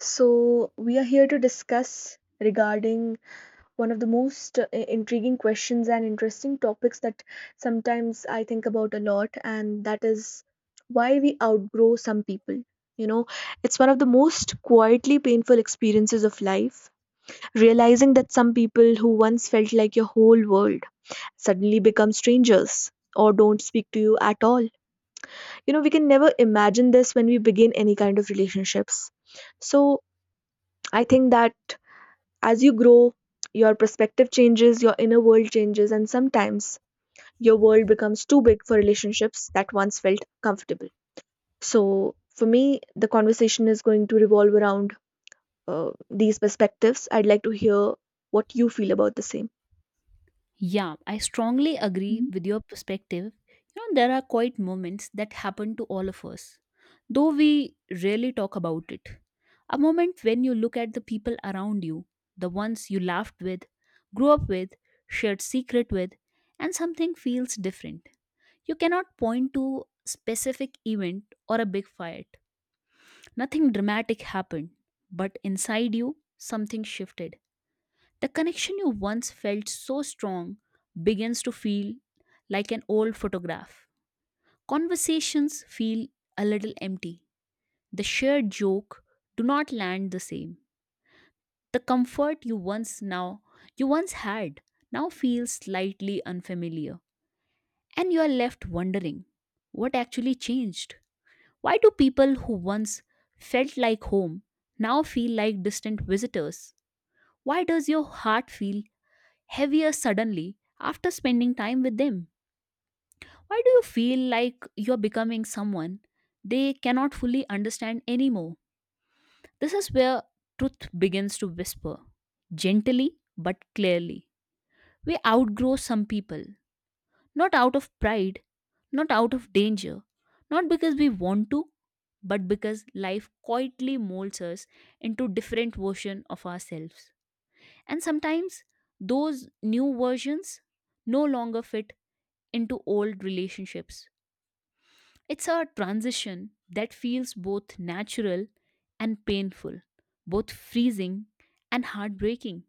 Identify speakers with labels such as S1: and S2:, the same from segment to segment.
S1: So, we are here to discuss regarding one of the most intriguing questions and interesting topics that sometimes I think about a lot, and that is why we outgrow some people. You know, it's one of the most quietly painful experiences of life, realizing that some people who once felt like your whole world suddenly become strangers or don't speak to you at all. You know, we can never imagine this when we begin any kind of relationships. So, I think that as you grow, your perspective changes, your inner world changes, and sometimes your world becomes too big for relationships that once felt comfortable. So, for me, the conversation is going to revolve around these perspectives. I'd like to hear what you feel about the same.
S2: Yeah, I strongly agree
S1: Mhm.
S2: with your perspective. You know, there are quite moments that happen to all of us, though we rarely talk about it. A moment when you look at the people around you, the ones you laughed with, grew up with, shared secret with, and something feels different. You cannot point to specific event or a big fight. Nothing dramatic happened, but inside you something shifted the connection you once felt so strong begins to feel like an old photograph. Conversations feel a little empty. The shared joke do not land the same. The comfort you once now you once had now feels slightly unfamiliar and you are left wondering what actually changed. Why do people who once felt like home now feel like distant visitors? Why does your heart feel heavier suddenly after spending time with them? Why do you feel like you're becoming someone they cannot fully understand anymore? This is where truth begins to whisper, gently but clearly. We outgrow some people, not out of pride, not out of danger, not because we want to, but because life quietly molds us into different version of ourselves. And sometimes those new versions no longer fit into old relationships. It's a transition that feels both natural and painful, both freezing and heartbreaking.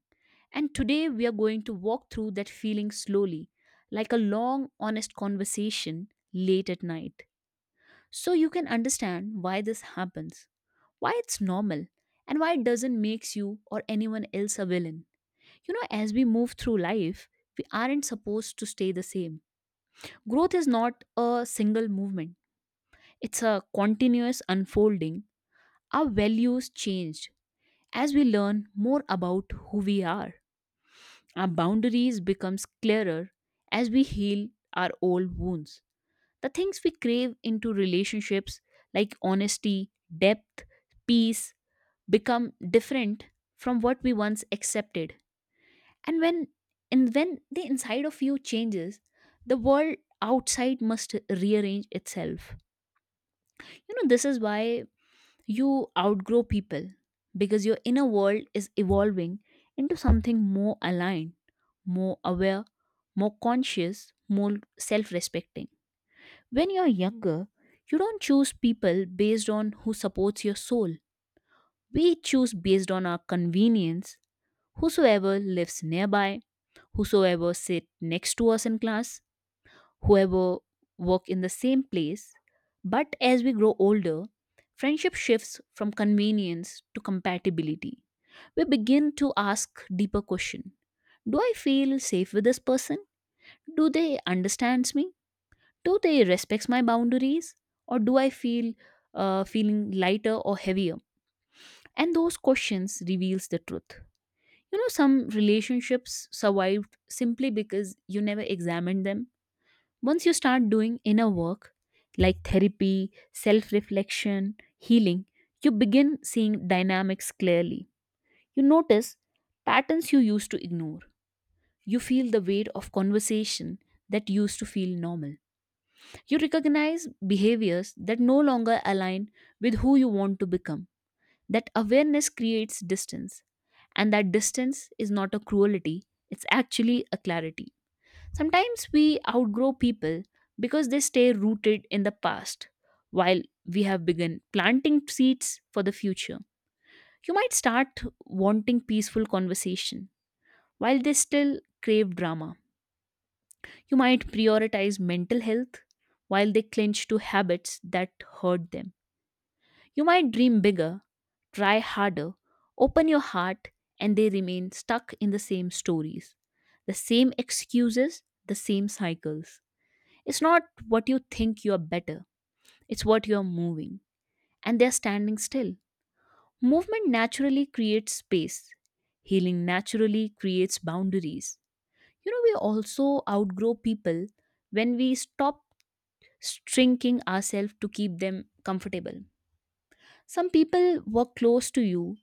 S2: And today we are going to walk through that feeling slowly, like a long, honest conversation late at night. So you can understand why this happens, why it's normal, and why it doesn't make you or anyone else a villain. You know, as we move through life, we aren't supposed to stay the same. Growth is not a single movement, it's a continuous unfolding. Our values change as we learn more about who we are. Our boundaries becomes clearer as we heal our old wounds. The things we crave into relationships like honesty, depth, peace become different from what we once accepted. And when and when the inside of you changes, the world outside must rearrange itself. You know, this is why you outgrow people because your inner world is evolving into something more aligned, more aware, more conscious, more self respecting. When you're younger, you don't choose people based on who supports your soul. We choose based on our convenience, whosoever lives nearby, whosoever sit next to us in class, whoever work in the same place. But as we grow older, friendship shifts from convenience to compatibility. We begin to ask deeper question. Do I feel safe with this person? Do they understand me? Do they respect my boundaries? Or do I feel feeling lighter or heavier? And those questions reveals the truth. You know, some relationships survived simply because you never examined them once you start doing inner work like therapy, self reflection, healing, you begin seeing dynamics clearly. You notice patterns you used to ignore. You feel the weight of conversation that used to feel normal. You recognize behaviors that no longer align with who you want to become. That awareness creates distance, and that distance is not a cruelty, it's actually a clarity. Sometimes we outgrow people because they stay rooted in the past while we have begun planting seeds for the future. You might start wanting peaceful conversation while they still crave drama. You might prioritize mental health while they clinch to habits that hurt them. You might dream bigger, try harder, open your heart, and they remain stuck in the same stories, the same excuses, the same cycles. It's not what you think you are better, it's what you are moving. And they're standing still. Movement naturally creates space, healing naturally creates boundaries. You know, we also outgrow people when we stop shrinking ourselves to keep them comfortable. Some people were close to you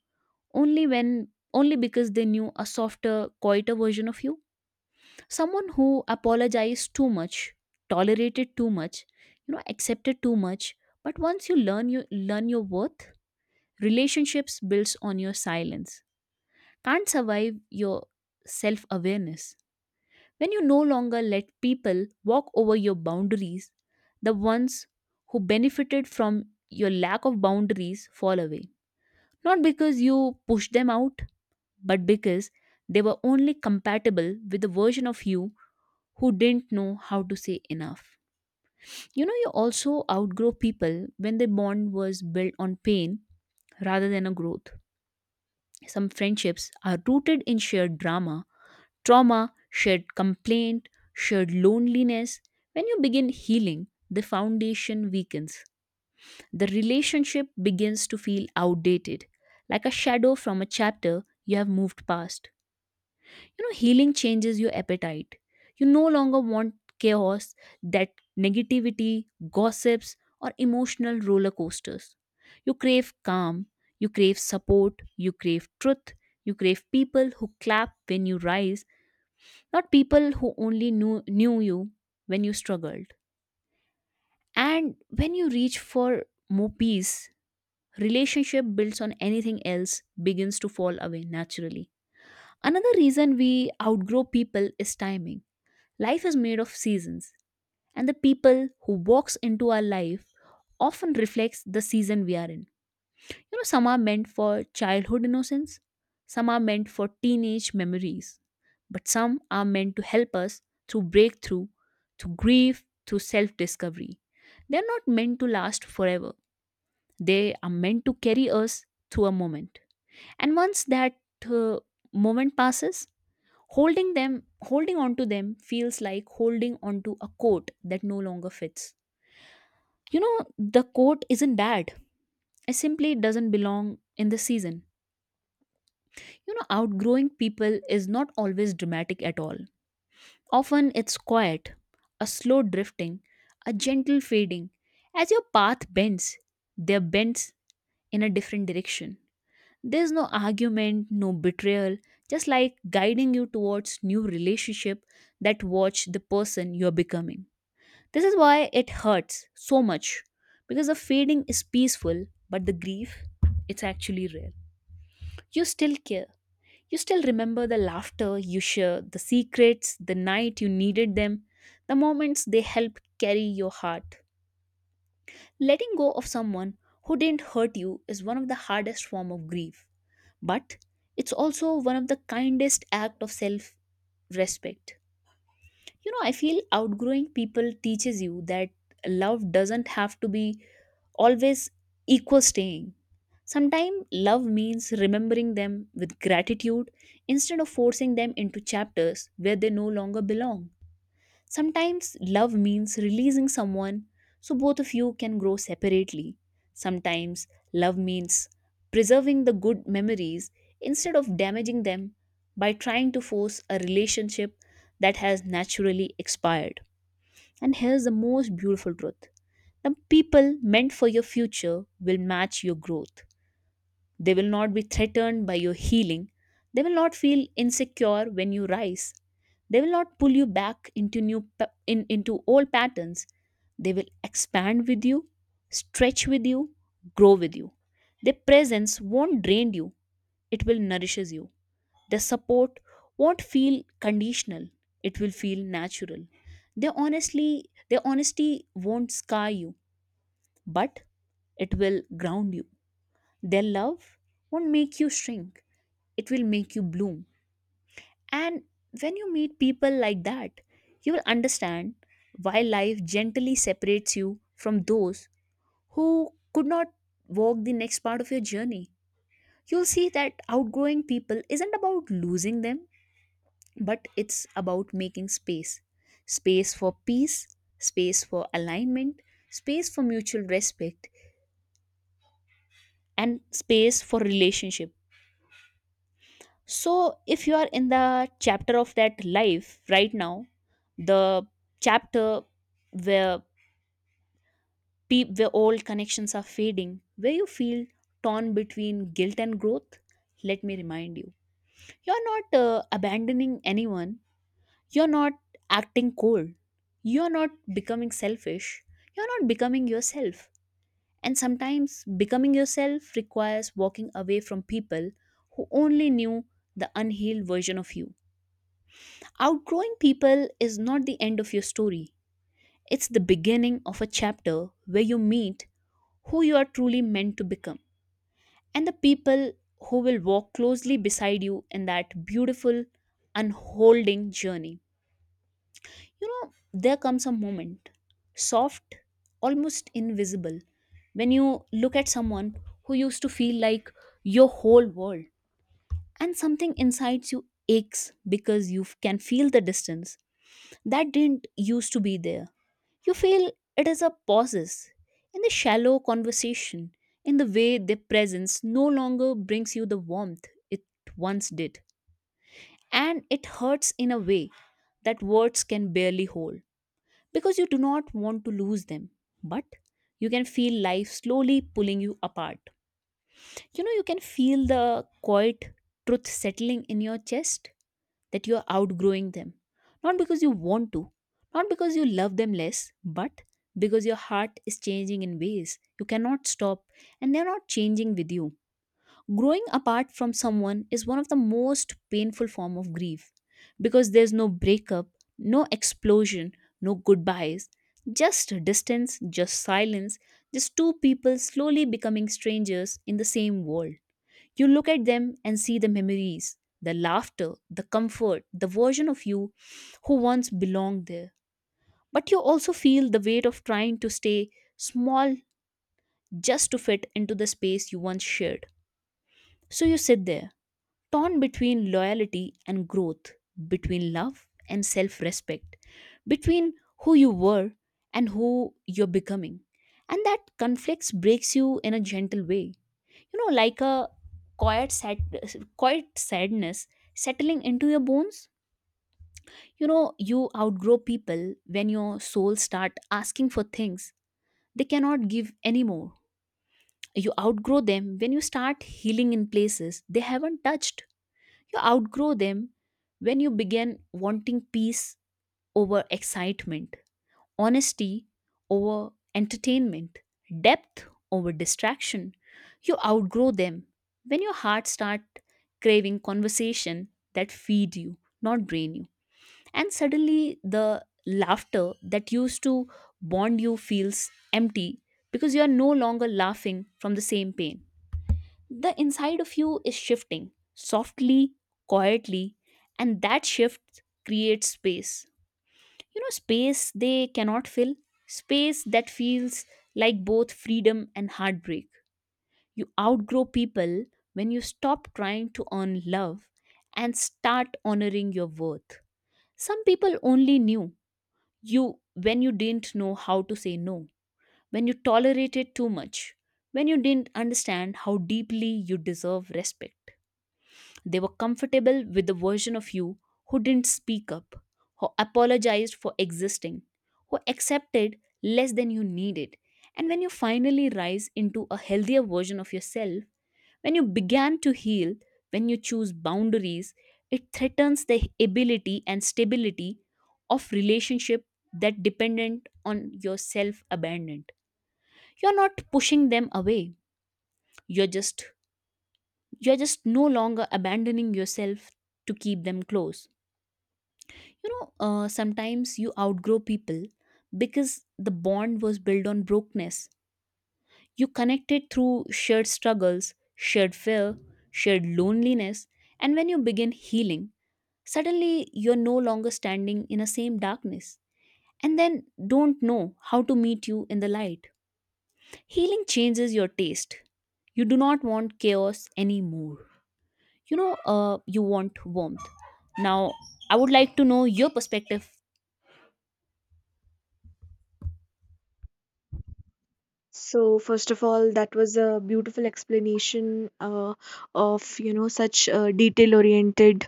S2: only because they knew a softer, quieter version of you. Someone who apologized too much, tolerated too much, you know, accepted too much. But once you learn your worth, relationships builds on your silence. Can't survive your self-awareness. When you no longer let people walk over your boundaries, the ones who benefited from your lack of boundaries fall away. Not because you pushed them out, but because they were only compatible with the version of you who didn't know how to say enough. You know, you also outgrow people when the bond was built on pain rather than a growth. Some friendships are rooted in shared drama, trauma, shared complaint, shared loneliness. When you begin healing, the foundation weakens. The relationship begins to feel outdated, like a shadow from a chapter you have moved past. You know, healing changes your appetite. You no longer want chaos, that negativity, gossips, or emotional roller coasters. You crave calm, you crave support, you crave truth, you crave people who clap when you rise, not people who knew you when you struggled. And when you reach for more peace, relationship builds on anything else begins to fall away naturally. Another reason we outgrow people is timing. Life is made of seasons, and the people who walks into our life often reflects the season we are in. You know, some are meant for childhood innocence, some are meant for teenage memories, but some are meant to help us through breakthrough, through grief, through self-discovery. They're not meant to last forever. They are meant to carry us through a moment. And once that uh, moment passes, holding them, holding on to them feels like holding on to a coat that no longer fits. You know, the coat isn't bad. It simply doesn't belong in the season. You know, outgrowing people is not always dramatic at all. Often it's quiet, a slow drifting, a gentle fading. As your path bends, their bends in a different direction. There's no argument, no betrayal, just like guiding you towards new relationship that watch the person you're becoming. This is why it hurts so much because the fading is peaceful, but the grief, it's actually real. You still care. You still remember the laughter you share, the secrets, the night you needed them, the moments they help carry your heart. Letting go of someone who didn't hurt you is one of the hardest form of grief, but it's also one of the kindest act of self-respect. You know, I feel outgrowing people teaches you that love doesn't have to be always equal staying. Sometimes love means remembering them with gratitude instead of forcing them into chapters where they no longer belong. Sometimes love means releasing someone so both of you can grow separately. Sometimes love means preserving the good memories instead of damaging them by trying to force a relationship that has naturally expired. And here's the most beautiful truth: the people meant for your future will match your growth. They will not be threatened by your healing. They will not feel insecure when you rise. They will not pull you back into into old patterns. They will expand with you, stretch with you, grow with you. Their presence won't drain you. It will nourishes you. Their support won't feel conditional. It will feel natural. Their honesty won't scar you, but it will ground you. Their love won't make you shrink, it will make you bloom. And when you meet people like that, you will understand why life gently separates you from those who could not walk the next part of your journey. You'll see that outgrowing people isn't about losing them, but it's about making space, space for peace, space for alignment, space for mutual respect, and space for relationship. So, if you are in the chapter of that life right now, the chapter where where old connections are fading, where you feel torn between guilt and growth, let me remind you, you're not abandoning anyone. You're not acting cold. You're not becoming selfish. You're not becoming yourself. And sometimes becoming yourself requires walking away from people who only knew the unhealed version of you. Outgrowing people is not the end of your story, it's the beginning of a chapter where you meet who you are truly meant to become, and the people who will walk closely beside you in that beautiful, unholding journey. You know, there comes a moment, soft, almost invisible, when you look at someone who used to feel like your whole world and something inside you aches because you can feel the distance that didn't used to be there. You feel it is a pauses in the shallow conversation, in the way their presence no longer brings you the warmth it once did. And it hurts in a way that words can barely hold because you do not want to lose them. But you can feel life slowly pulling you apart. You know, you can feel the quiet truth settling in your chest that you're outgrowing them. Not because you want to, not because you love them less, but because your heart is changing in ways you cannot stop and they're not changing with you. Growing apart from someone is one of the most painful form of grief because there's no breakup, no explosion, no goodbyes, just distance, just silence, just two people slowly becoming strangers in the same world. You look at them and see the memories, the laughter, the comfort, the version of you who once belonged there. But you also feel the weight of trying to stay small just to fit into the space you once shared. So you sit there torn between loyalty and growth, between love and self respect, between who you were and who you're becoming. And that conflicts breaks you in a gentle way. You know, like a quiet, sad, quiet sadness settling into your bones. You know, you outgrow people when your soul start asking for things they cannot give anymore. You outgrow them when you start healing in places they haven't touched. You outgrow them when you begin wanting peace over excitement, honesty over entertainment, depth over distraction. You outgrow them when your heart starts craving conversation that feed you, not drain you. And suddenly the laughter that used to bond you feels empty because you are no longer laughing from the same pain. The inside of you is shifting softly, quietly, and that shift creates space. You know, space they cannot fill, space that feels like both freedom and heartbreak. You outgrow people when you stop trying to earn love and start honoring your worth. Some people only knew you when you didn't know how to say no, when you tolerated too much, when you didn't understand how deeply you deserve respect. They were comfortable with the version of you who didn't speak up, who apologized for existing, who accepted less than you needed. And when you finally rise into a healthier version of yourself, when you began to heal, when you choose boundaries, it threatens the ability and stability of relationship that dependent on your self abandonment. You're not pushing them away. You're just you're just no longer abandoning yourself to keep them close. You know, sometimes you outgrow people because the bond was built on brokenness. You connected through shared struggles, shared fear, shared loneliness, and when you begin healing, suddenly you're no longer standing in the same darkness, and then don't know how to meet you in the light. Healing changes your taste. You do not want chaos anymore. You know, you want warmth now. I would like to know your perspective.
S1: So, first of all, that was a beautiful explanation uh, of you know such a detail-oriented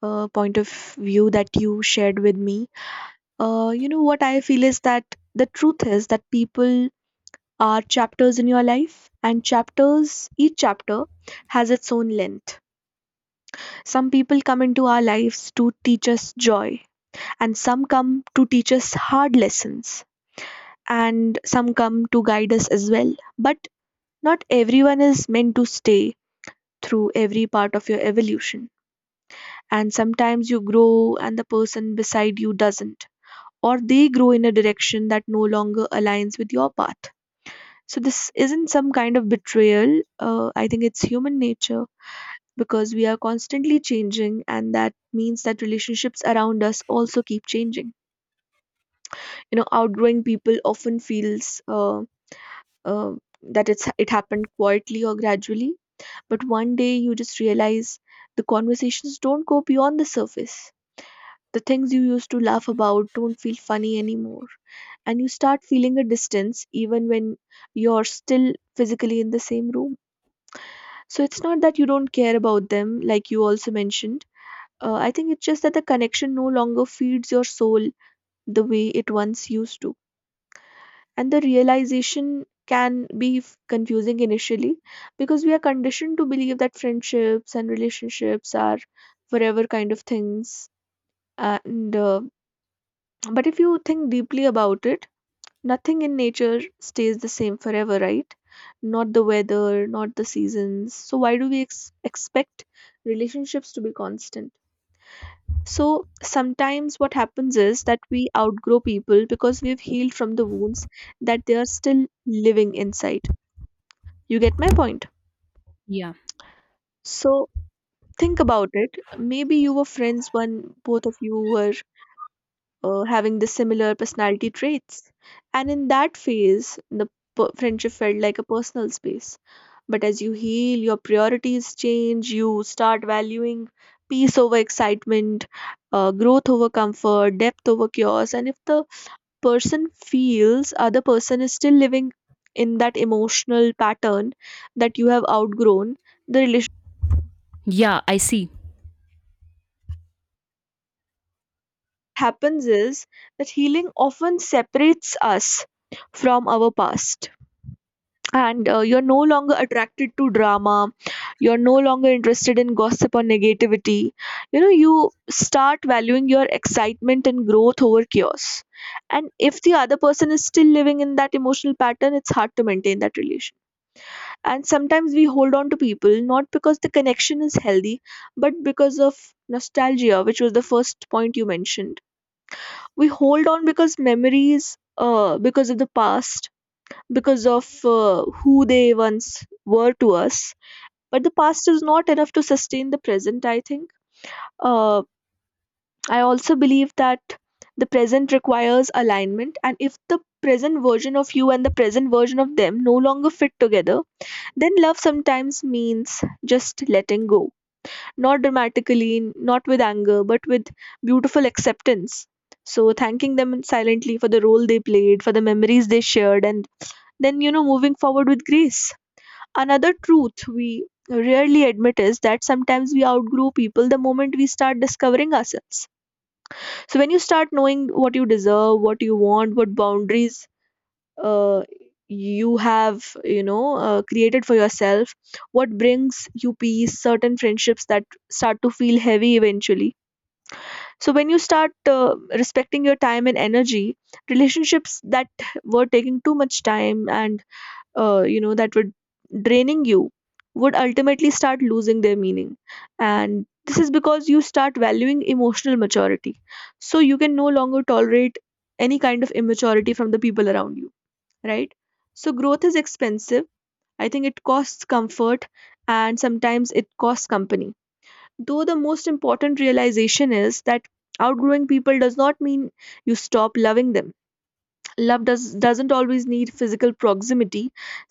S1: point of view that you shared with me. You know what I feel is that the truth is that people are chapters in your life, and each chapter has its own length. Some people come into our lives to teach us joy, and some come to teach us hard lessons, and some come to guide us as well. But not everyone is meant to stay through every part of your evolution. And sometimes you grow, and the person beside you doesn't, or they grow in a direction that no longer aligns with your path. So this isn't some kind of betrayal. I think it's human nature because we are constantly changing, and that means that relationships around us also keep changing. You know, outgrowing people often feels uh, that it happened quietly or gradually, but one day you just realize the conversations don't go beyond the surface. The things you used to laugh about don't feel funny anymore, and you start feeling a distance even when you're still physically in the same room. So it's not that you don't care about them, like you also mentioned. I think it's just that the connection no longer feeds your soul the way it once used to. And the realization can be confusing initially because we are conditioned to believe that friendships and relationships are forever kind of things. And but if you think deeply about it, nothing in nature stays the same forever, right? Not the weather, not the seasons. So, why do we expect relationships to be constant? So, sometimes what happens is that we outgrow people because we've healed from the wounds that they are still living inside. You get my point?
S2: Yeah.
S1: So, think about it. Maybe you were friends when both of you were having the similar personality traits. And in that phase, the friendship felt like a personal space. But as you heal, your priorities change, you start valuing peace over excitement, growth over comfort, depth over chaos. And if the person feels other person is still living in that emotional pattern that you have outgrown, the relationship
S2: Yeah, I see.
S1: happens is that healing often separates us from our past, and you're no longer attracted to drama, you're no longer interested in gossip or negativity. You know, you start valuing your excitement and growth over chaos, and if the other person is still living in that emotional pattern, it's hard to maintain that relation. And sometimes we hold on to people not because the connection is healthy, but because of nostalgia, which was the first point you mentioned. We hold on because memories, because of the past, because of who they once were to us. But the past is not enough to sustain the present, I think. Uh, I also believe that the present requires alignment, and if the present version of you and the present version of them no longer fit together, then love sometimes means just letting go. Not dramatically, not with anger, but with beautiful acceptance. So, thanking them silently for the role they played, for the memories they shared, and then, you know, moving forward with grace. Another truth we rarely admit is that sometimes we outgrow people the moment we start discovering ourselves. So, when you start knowing what you deserve, what you want, what boundaries uh, you have, you know, created for yourself, what brings you peace, certain friendships that start to feel heavy eventually. So, when you start respecting your time and energy, relationships that were taking too much time and you know that were draining you would ultimately start losing their meaning. And this is because you start valuing emotional maturity, so you can no longer tolerate any kind of immaturity from the people around you, right? So growth is expensive, I think. It costs comfort and sometimes it costs company, though the most important realization is that outgrowing people does not mean you stop loving them. Love doesn't always need physical proximity.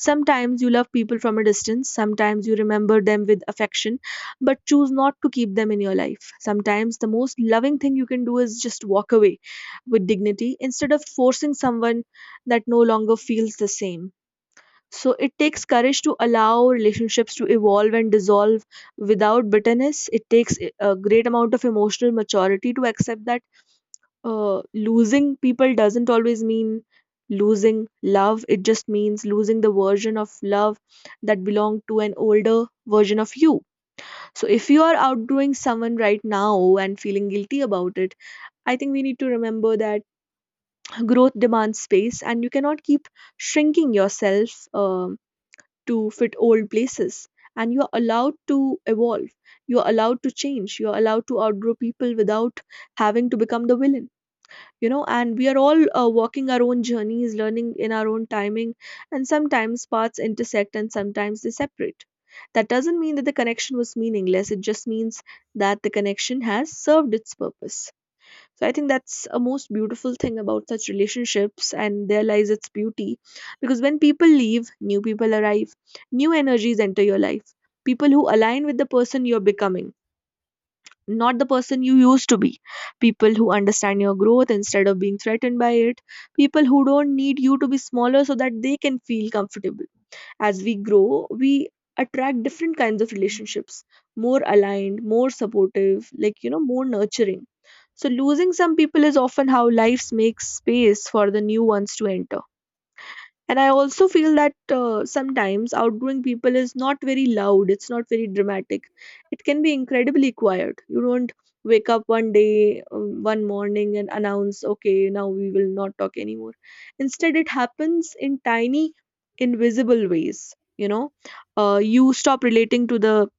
S1: Sometimes you love people from a distance, sometimes you remember them with affection but choose not to keep them in your life. Sometimes the most loving thing you can do is just walk away with dignity instead of forcing someone that no longer feels the same. So it takes courage to allow relationships to evolve and dissolve without bitterness. It takes a great amount of emotional maturity to accept that losing people doesn't always mean losing love. It just means losing the version of love that belonged to an older version of you. So if you are outgrowing someone right now and feeling guilty about it, I think we need to remember that growth demands space, and you cannot keep shrinking yourself to fit old places. And you are allowed to evolve, you are allowed to change, you are allowed to outgrow people without having to become the villain. You know, and we are all walking our own journeys, learning in our own timing, and sometimes paths intersect and sometimes they separate. That doesn't mean that the connection was meaningless. It just means that the connection has served its purpose. So I think that's a most beautiful thing about such relationships, and there lies its beauty, because when people leave, new people arrive, new energies enter your life, people who align with the person you're becoming, not the person you used to be. People who understand your growth instead of being threatened by it. People who don't need you to be smaller so that they can feel comfortable. As we grow, we attract different kinds of relationships, more aligned, more supportive, like, you know, more nurturing. So, losing some people is often how life makes space for the new ones to enter. And I also feel that sometimes outgoing people is not very loud, it's not very dramatic. It can be incredibly quiet. You don't wake up one day, one morning, and announce, okay, now we will not talk anymore. Instead, it happens in tiny, invisible ways. You know, you stop relating to the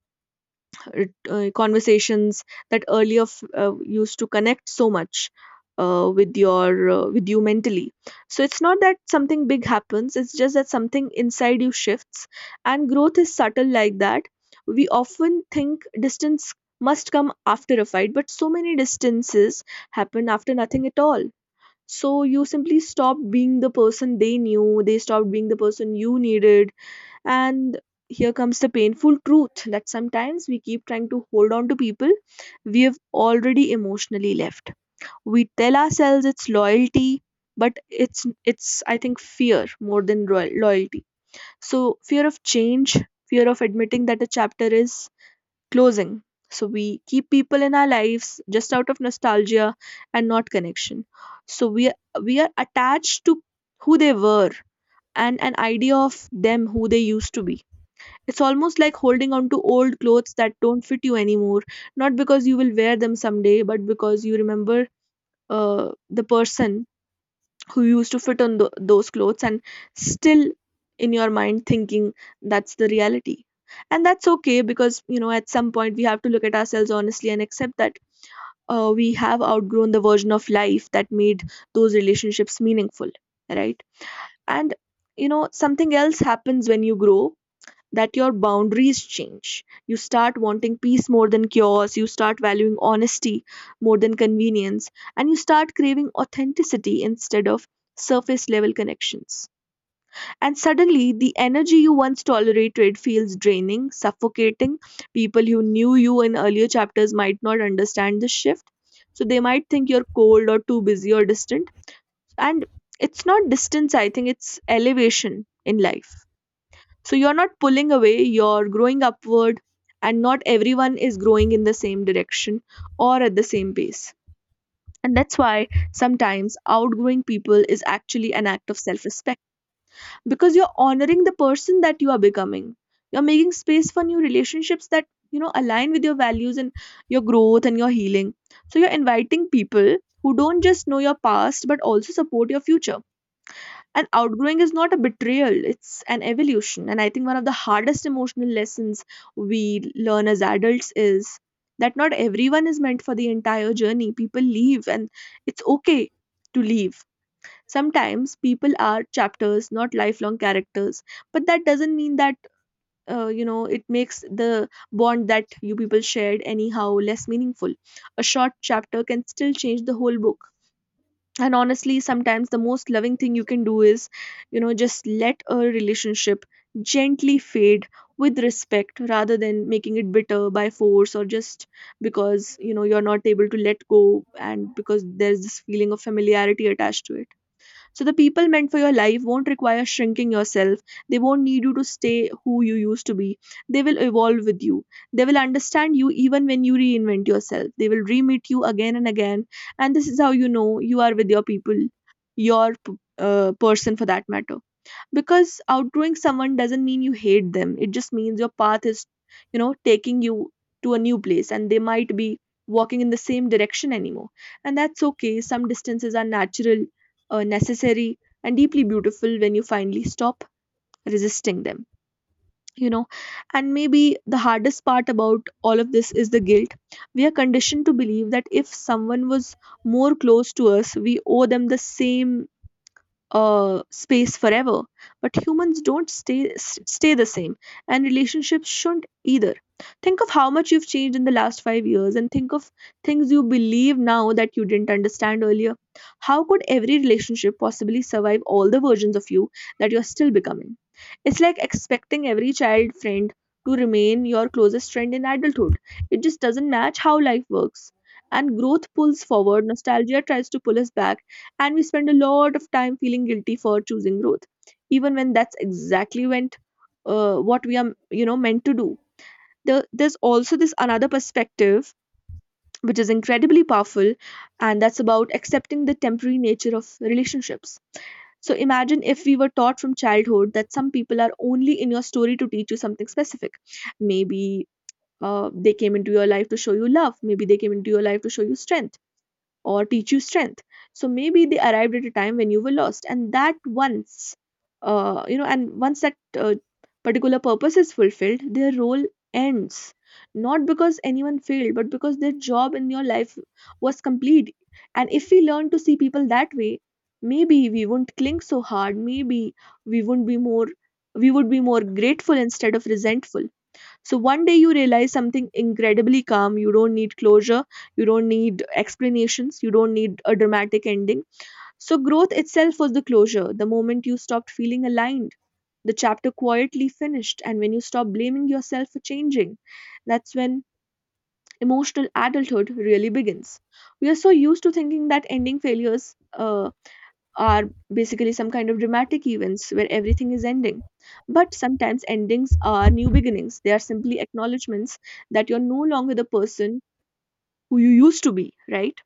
S1: it, uh, conversations that earlier used to connect so much with your with you mentally. So it's not that something big happens, it's just that something inside you shifts, and growth is subtle like that. We often think distance must come after a fight, but so many distances happen after nothing at all. So you simply stop being the person they knew, they stopped being the person you needed. And here comes the painful truth that sometimes we keep trying to hold on to people we have already emotionally left. We tell ourselves it's loyalty, but it's I think fear more than loyalty. So fear of change, fear of admitting that a chapter is closing. So we keep people in our lives just out of nostalgia and not connection. So we are attached to who they were and an idea of them who they used to be. It's almost like holding on to old clothes that don't fit you anymore, not because you will wear them someday, but because you remember the person who used to fit on those clothes and still in your mind thinking that's the reality. And that's okay because, you know, at some point we have to look at ourselves honestly and accept that we have outgrown the version of life that made those relationships meaningful, right? And, you know, something else happens when you grow, that your boundaries change. You start wanting peace more than chaos, you start valuing honesty more than convenience, and you start craving authenticity instead of surface level connections. And suddenly, the energy you once tolerated feels draining, suffocating. People who knew you in earlier chapters might not understand this shift. So they might think you're cold or too busy or distant. And it's not distance, I think it's elevation in life. So you're not pulling away, you're growing upward, and not everyone is growing in the same direction or at the same pace. And that's why sometimes outgrowing people is actually an act of self respect, because you're honoring the person that you are becoming. You're making space for new relationships that, align with your values and your growth and your healing. So you're inviting people who don't just know your past but also support your future, and outgrowing is not a betrayal, it's an evolution. And I think one of the hardest emotional lessons we learn as adults is that not everyone is meant for the entire journey. People leave, and it's okay to leave. Sometimes people are chapters, not lifelong characters, but that doesn't mean that it makes the bond that you people shared anyhow less meaningful. A short chapter can still change the whole book. And honestly, sometimes the most loving thing you can do is just let a relationship gently fade with respect, rather than making it bitter by force, or just because you're not able to let go and because there's this feeling of familiarity attached to it. So, the people meant for your life won't require shrinking yourself. They won't need you to stay who you used to be. They will evolve with you. They will understand you even when you reinvent yourself. They will re meet you again and again. And this is how you know you are with your people, person for that matter, because outgrowing someone doesn't mean you hate them. It just means your path is taking you to a new place, and they might be walking in the same direction anymore. And that's okay. Some distances are natural, necessary, and deeply beautiful when you finally stop resisting them, you know and maybe the hardest part about all of this is the guilt. We are conditioned to believe that if someone was more close to us, we owe them the same space forever. But humans don't stay stay the same, and relationships shouldn't either. Think of how much you've changed in the last 5 years, and think of things you believe now that you didn't understand earlier. How could every relationship possibly survive all the versions of you that you're still becoming? It's like expecting every child friend to remain your closest friend in adulthood. It just doesn't match how life works. And growth pulls forward, nostalgia tries to pull us back, and we spend a lot of time feeling guilty for choosing growth, even when that's exactly when what we are meant to do. There's also this another perspective which is incredibly powerful, and that's about accepting the temporary nature of relationships. So imagine if we were taught from childhood that some people are only in your story to teach you something specific. Maybe they came into your life to show you love. Maybe they came into your life to show you strength, or teach you strength. So maybe they arrived at a time when you were lost, and that once you know and once that particular purpose is fulfilled, their role ends. Not because anyone failed, but because their job in your life was complete. And if we learn to see people that way, maybe we won't cling so hard. Maybe we won't be more we would be more grateful instead of resentful. So one day you realize something incredibly calm. You don't need closure. You don't need explanations. You don't need a dramatic ending. So growth itself was the closure. The moment you stopped feeling aligned, the chapter quietly finished. And when you stop blaming yourself for changing, that's when emotional adulthood really begins. We are so used to thinking that ending failures are basically some kind of dramatic events where everything is ending. But sometimes endings are new beginnings. They are simply acknowledgements that you're no longer the person who you used to be, right?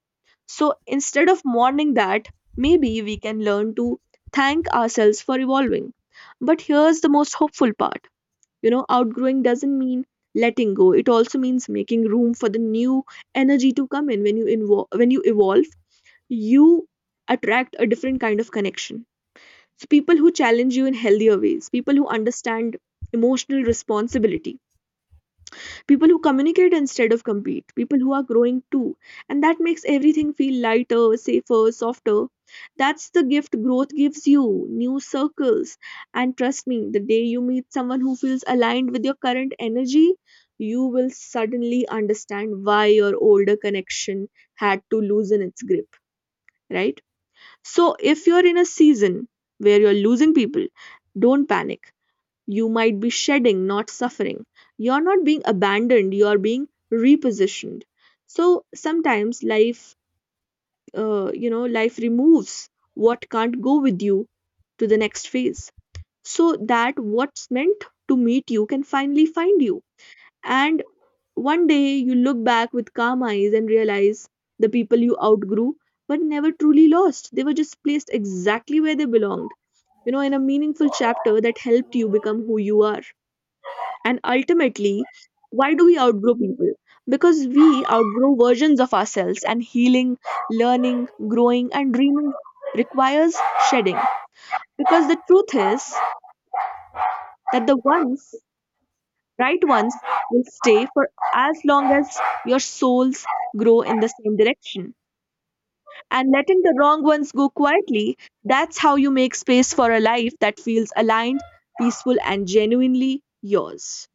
S1: So instead of mourning that, maybe we can learn to thank ourselves for evolving. But here's the most hopeful part. Outgrowing doesn't mean letting go. It also means making room for the new energy to come in. When you when you evolve, you attract a different kind of connection. So people who challenge you in healthier ways, people who understand emotional responsibility, people who communicate instead of compete, people who are growing too. And that makes everything feel lighter, safer, softer. That's the gift growth gives you: new circles. And trust me, the day you meet someone who feels aligned with your current energy, you will suddenly understand why your older connection had to loosen its grip, right? So, if you're in a season where you're losing people, don't panic. You might be shedding, not suffering. You're not being abandoned, you're being repositioned. So, sometimes life, life removes what can't go with you to the next phase, so that what's meant to meet you can finally find you. And one day you look back with calm eyes and realize the people you outgrew but never truly lost. They were just placed exactly where they belonged, you know, in a meaningful chapter that helped you become who you are. And ultimately, why do we outgrow people? Because we outgrow versions of ourselves, and healing, learning, growing, and dreaming requires shedding. Because the truth is that the ones, right ones, will stay for as long as your souls grow in the same direction. And letting the wrong ones go quietly, that's how you make space for a life that feels aligned, peaceful, and genuinely yours.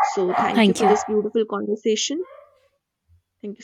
S1: So, thank you
S2: Thank
S1: for
S2: you.
S1: this beautiful conversation. Thank you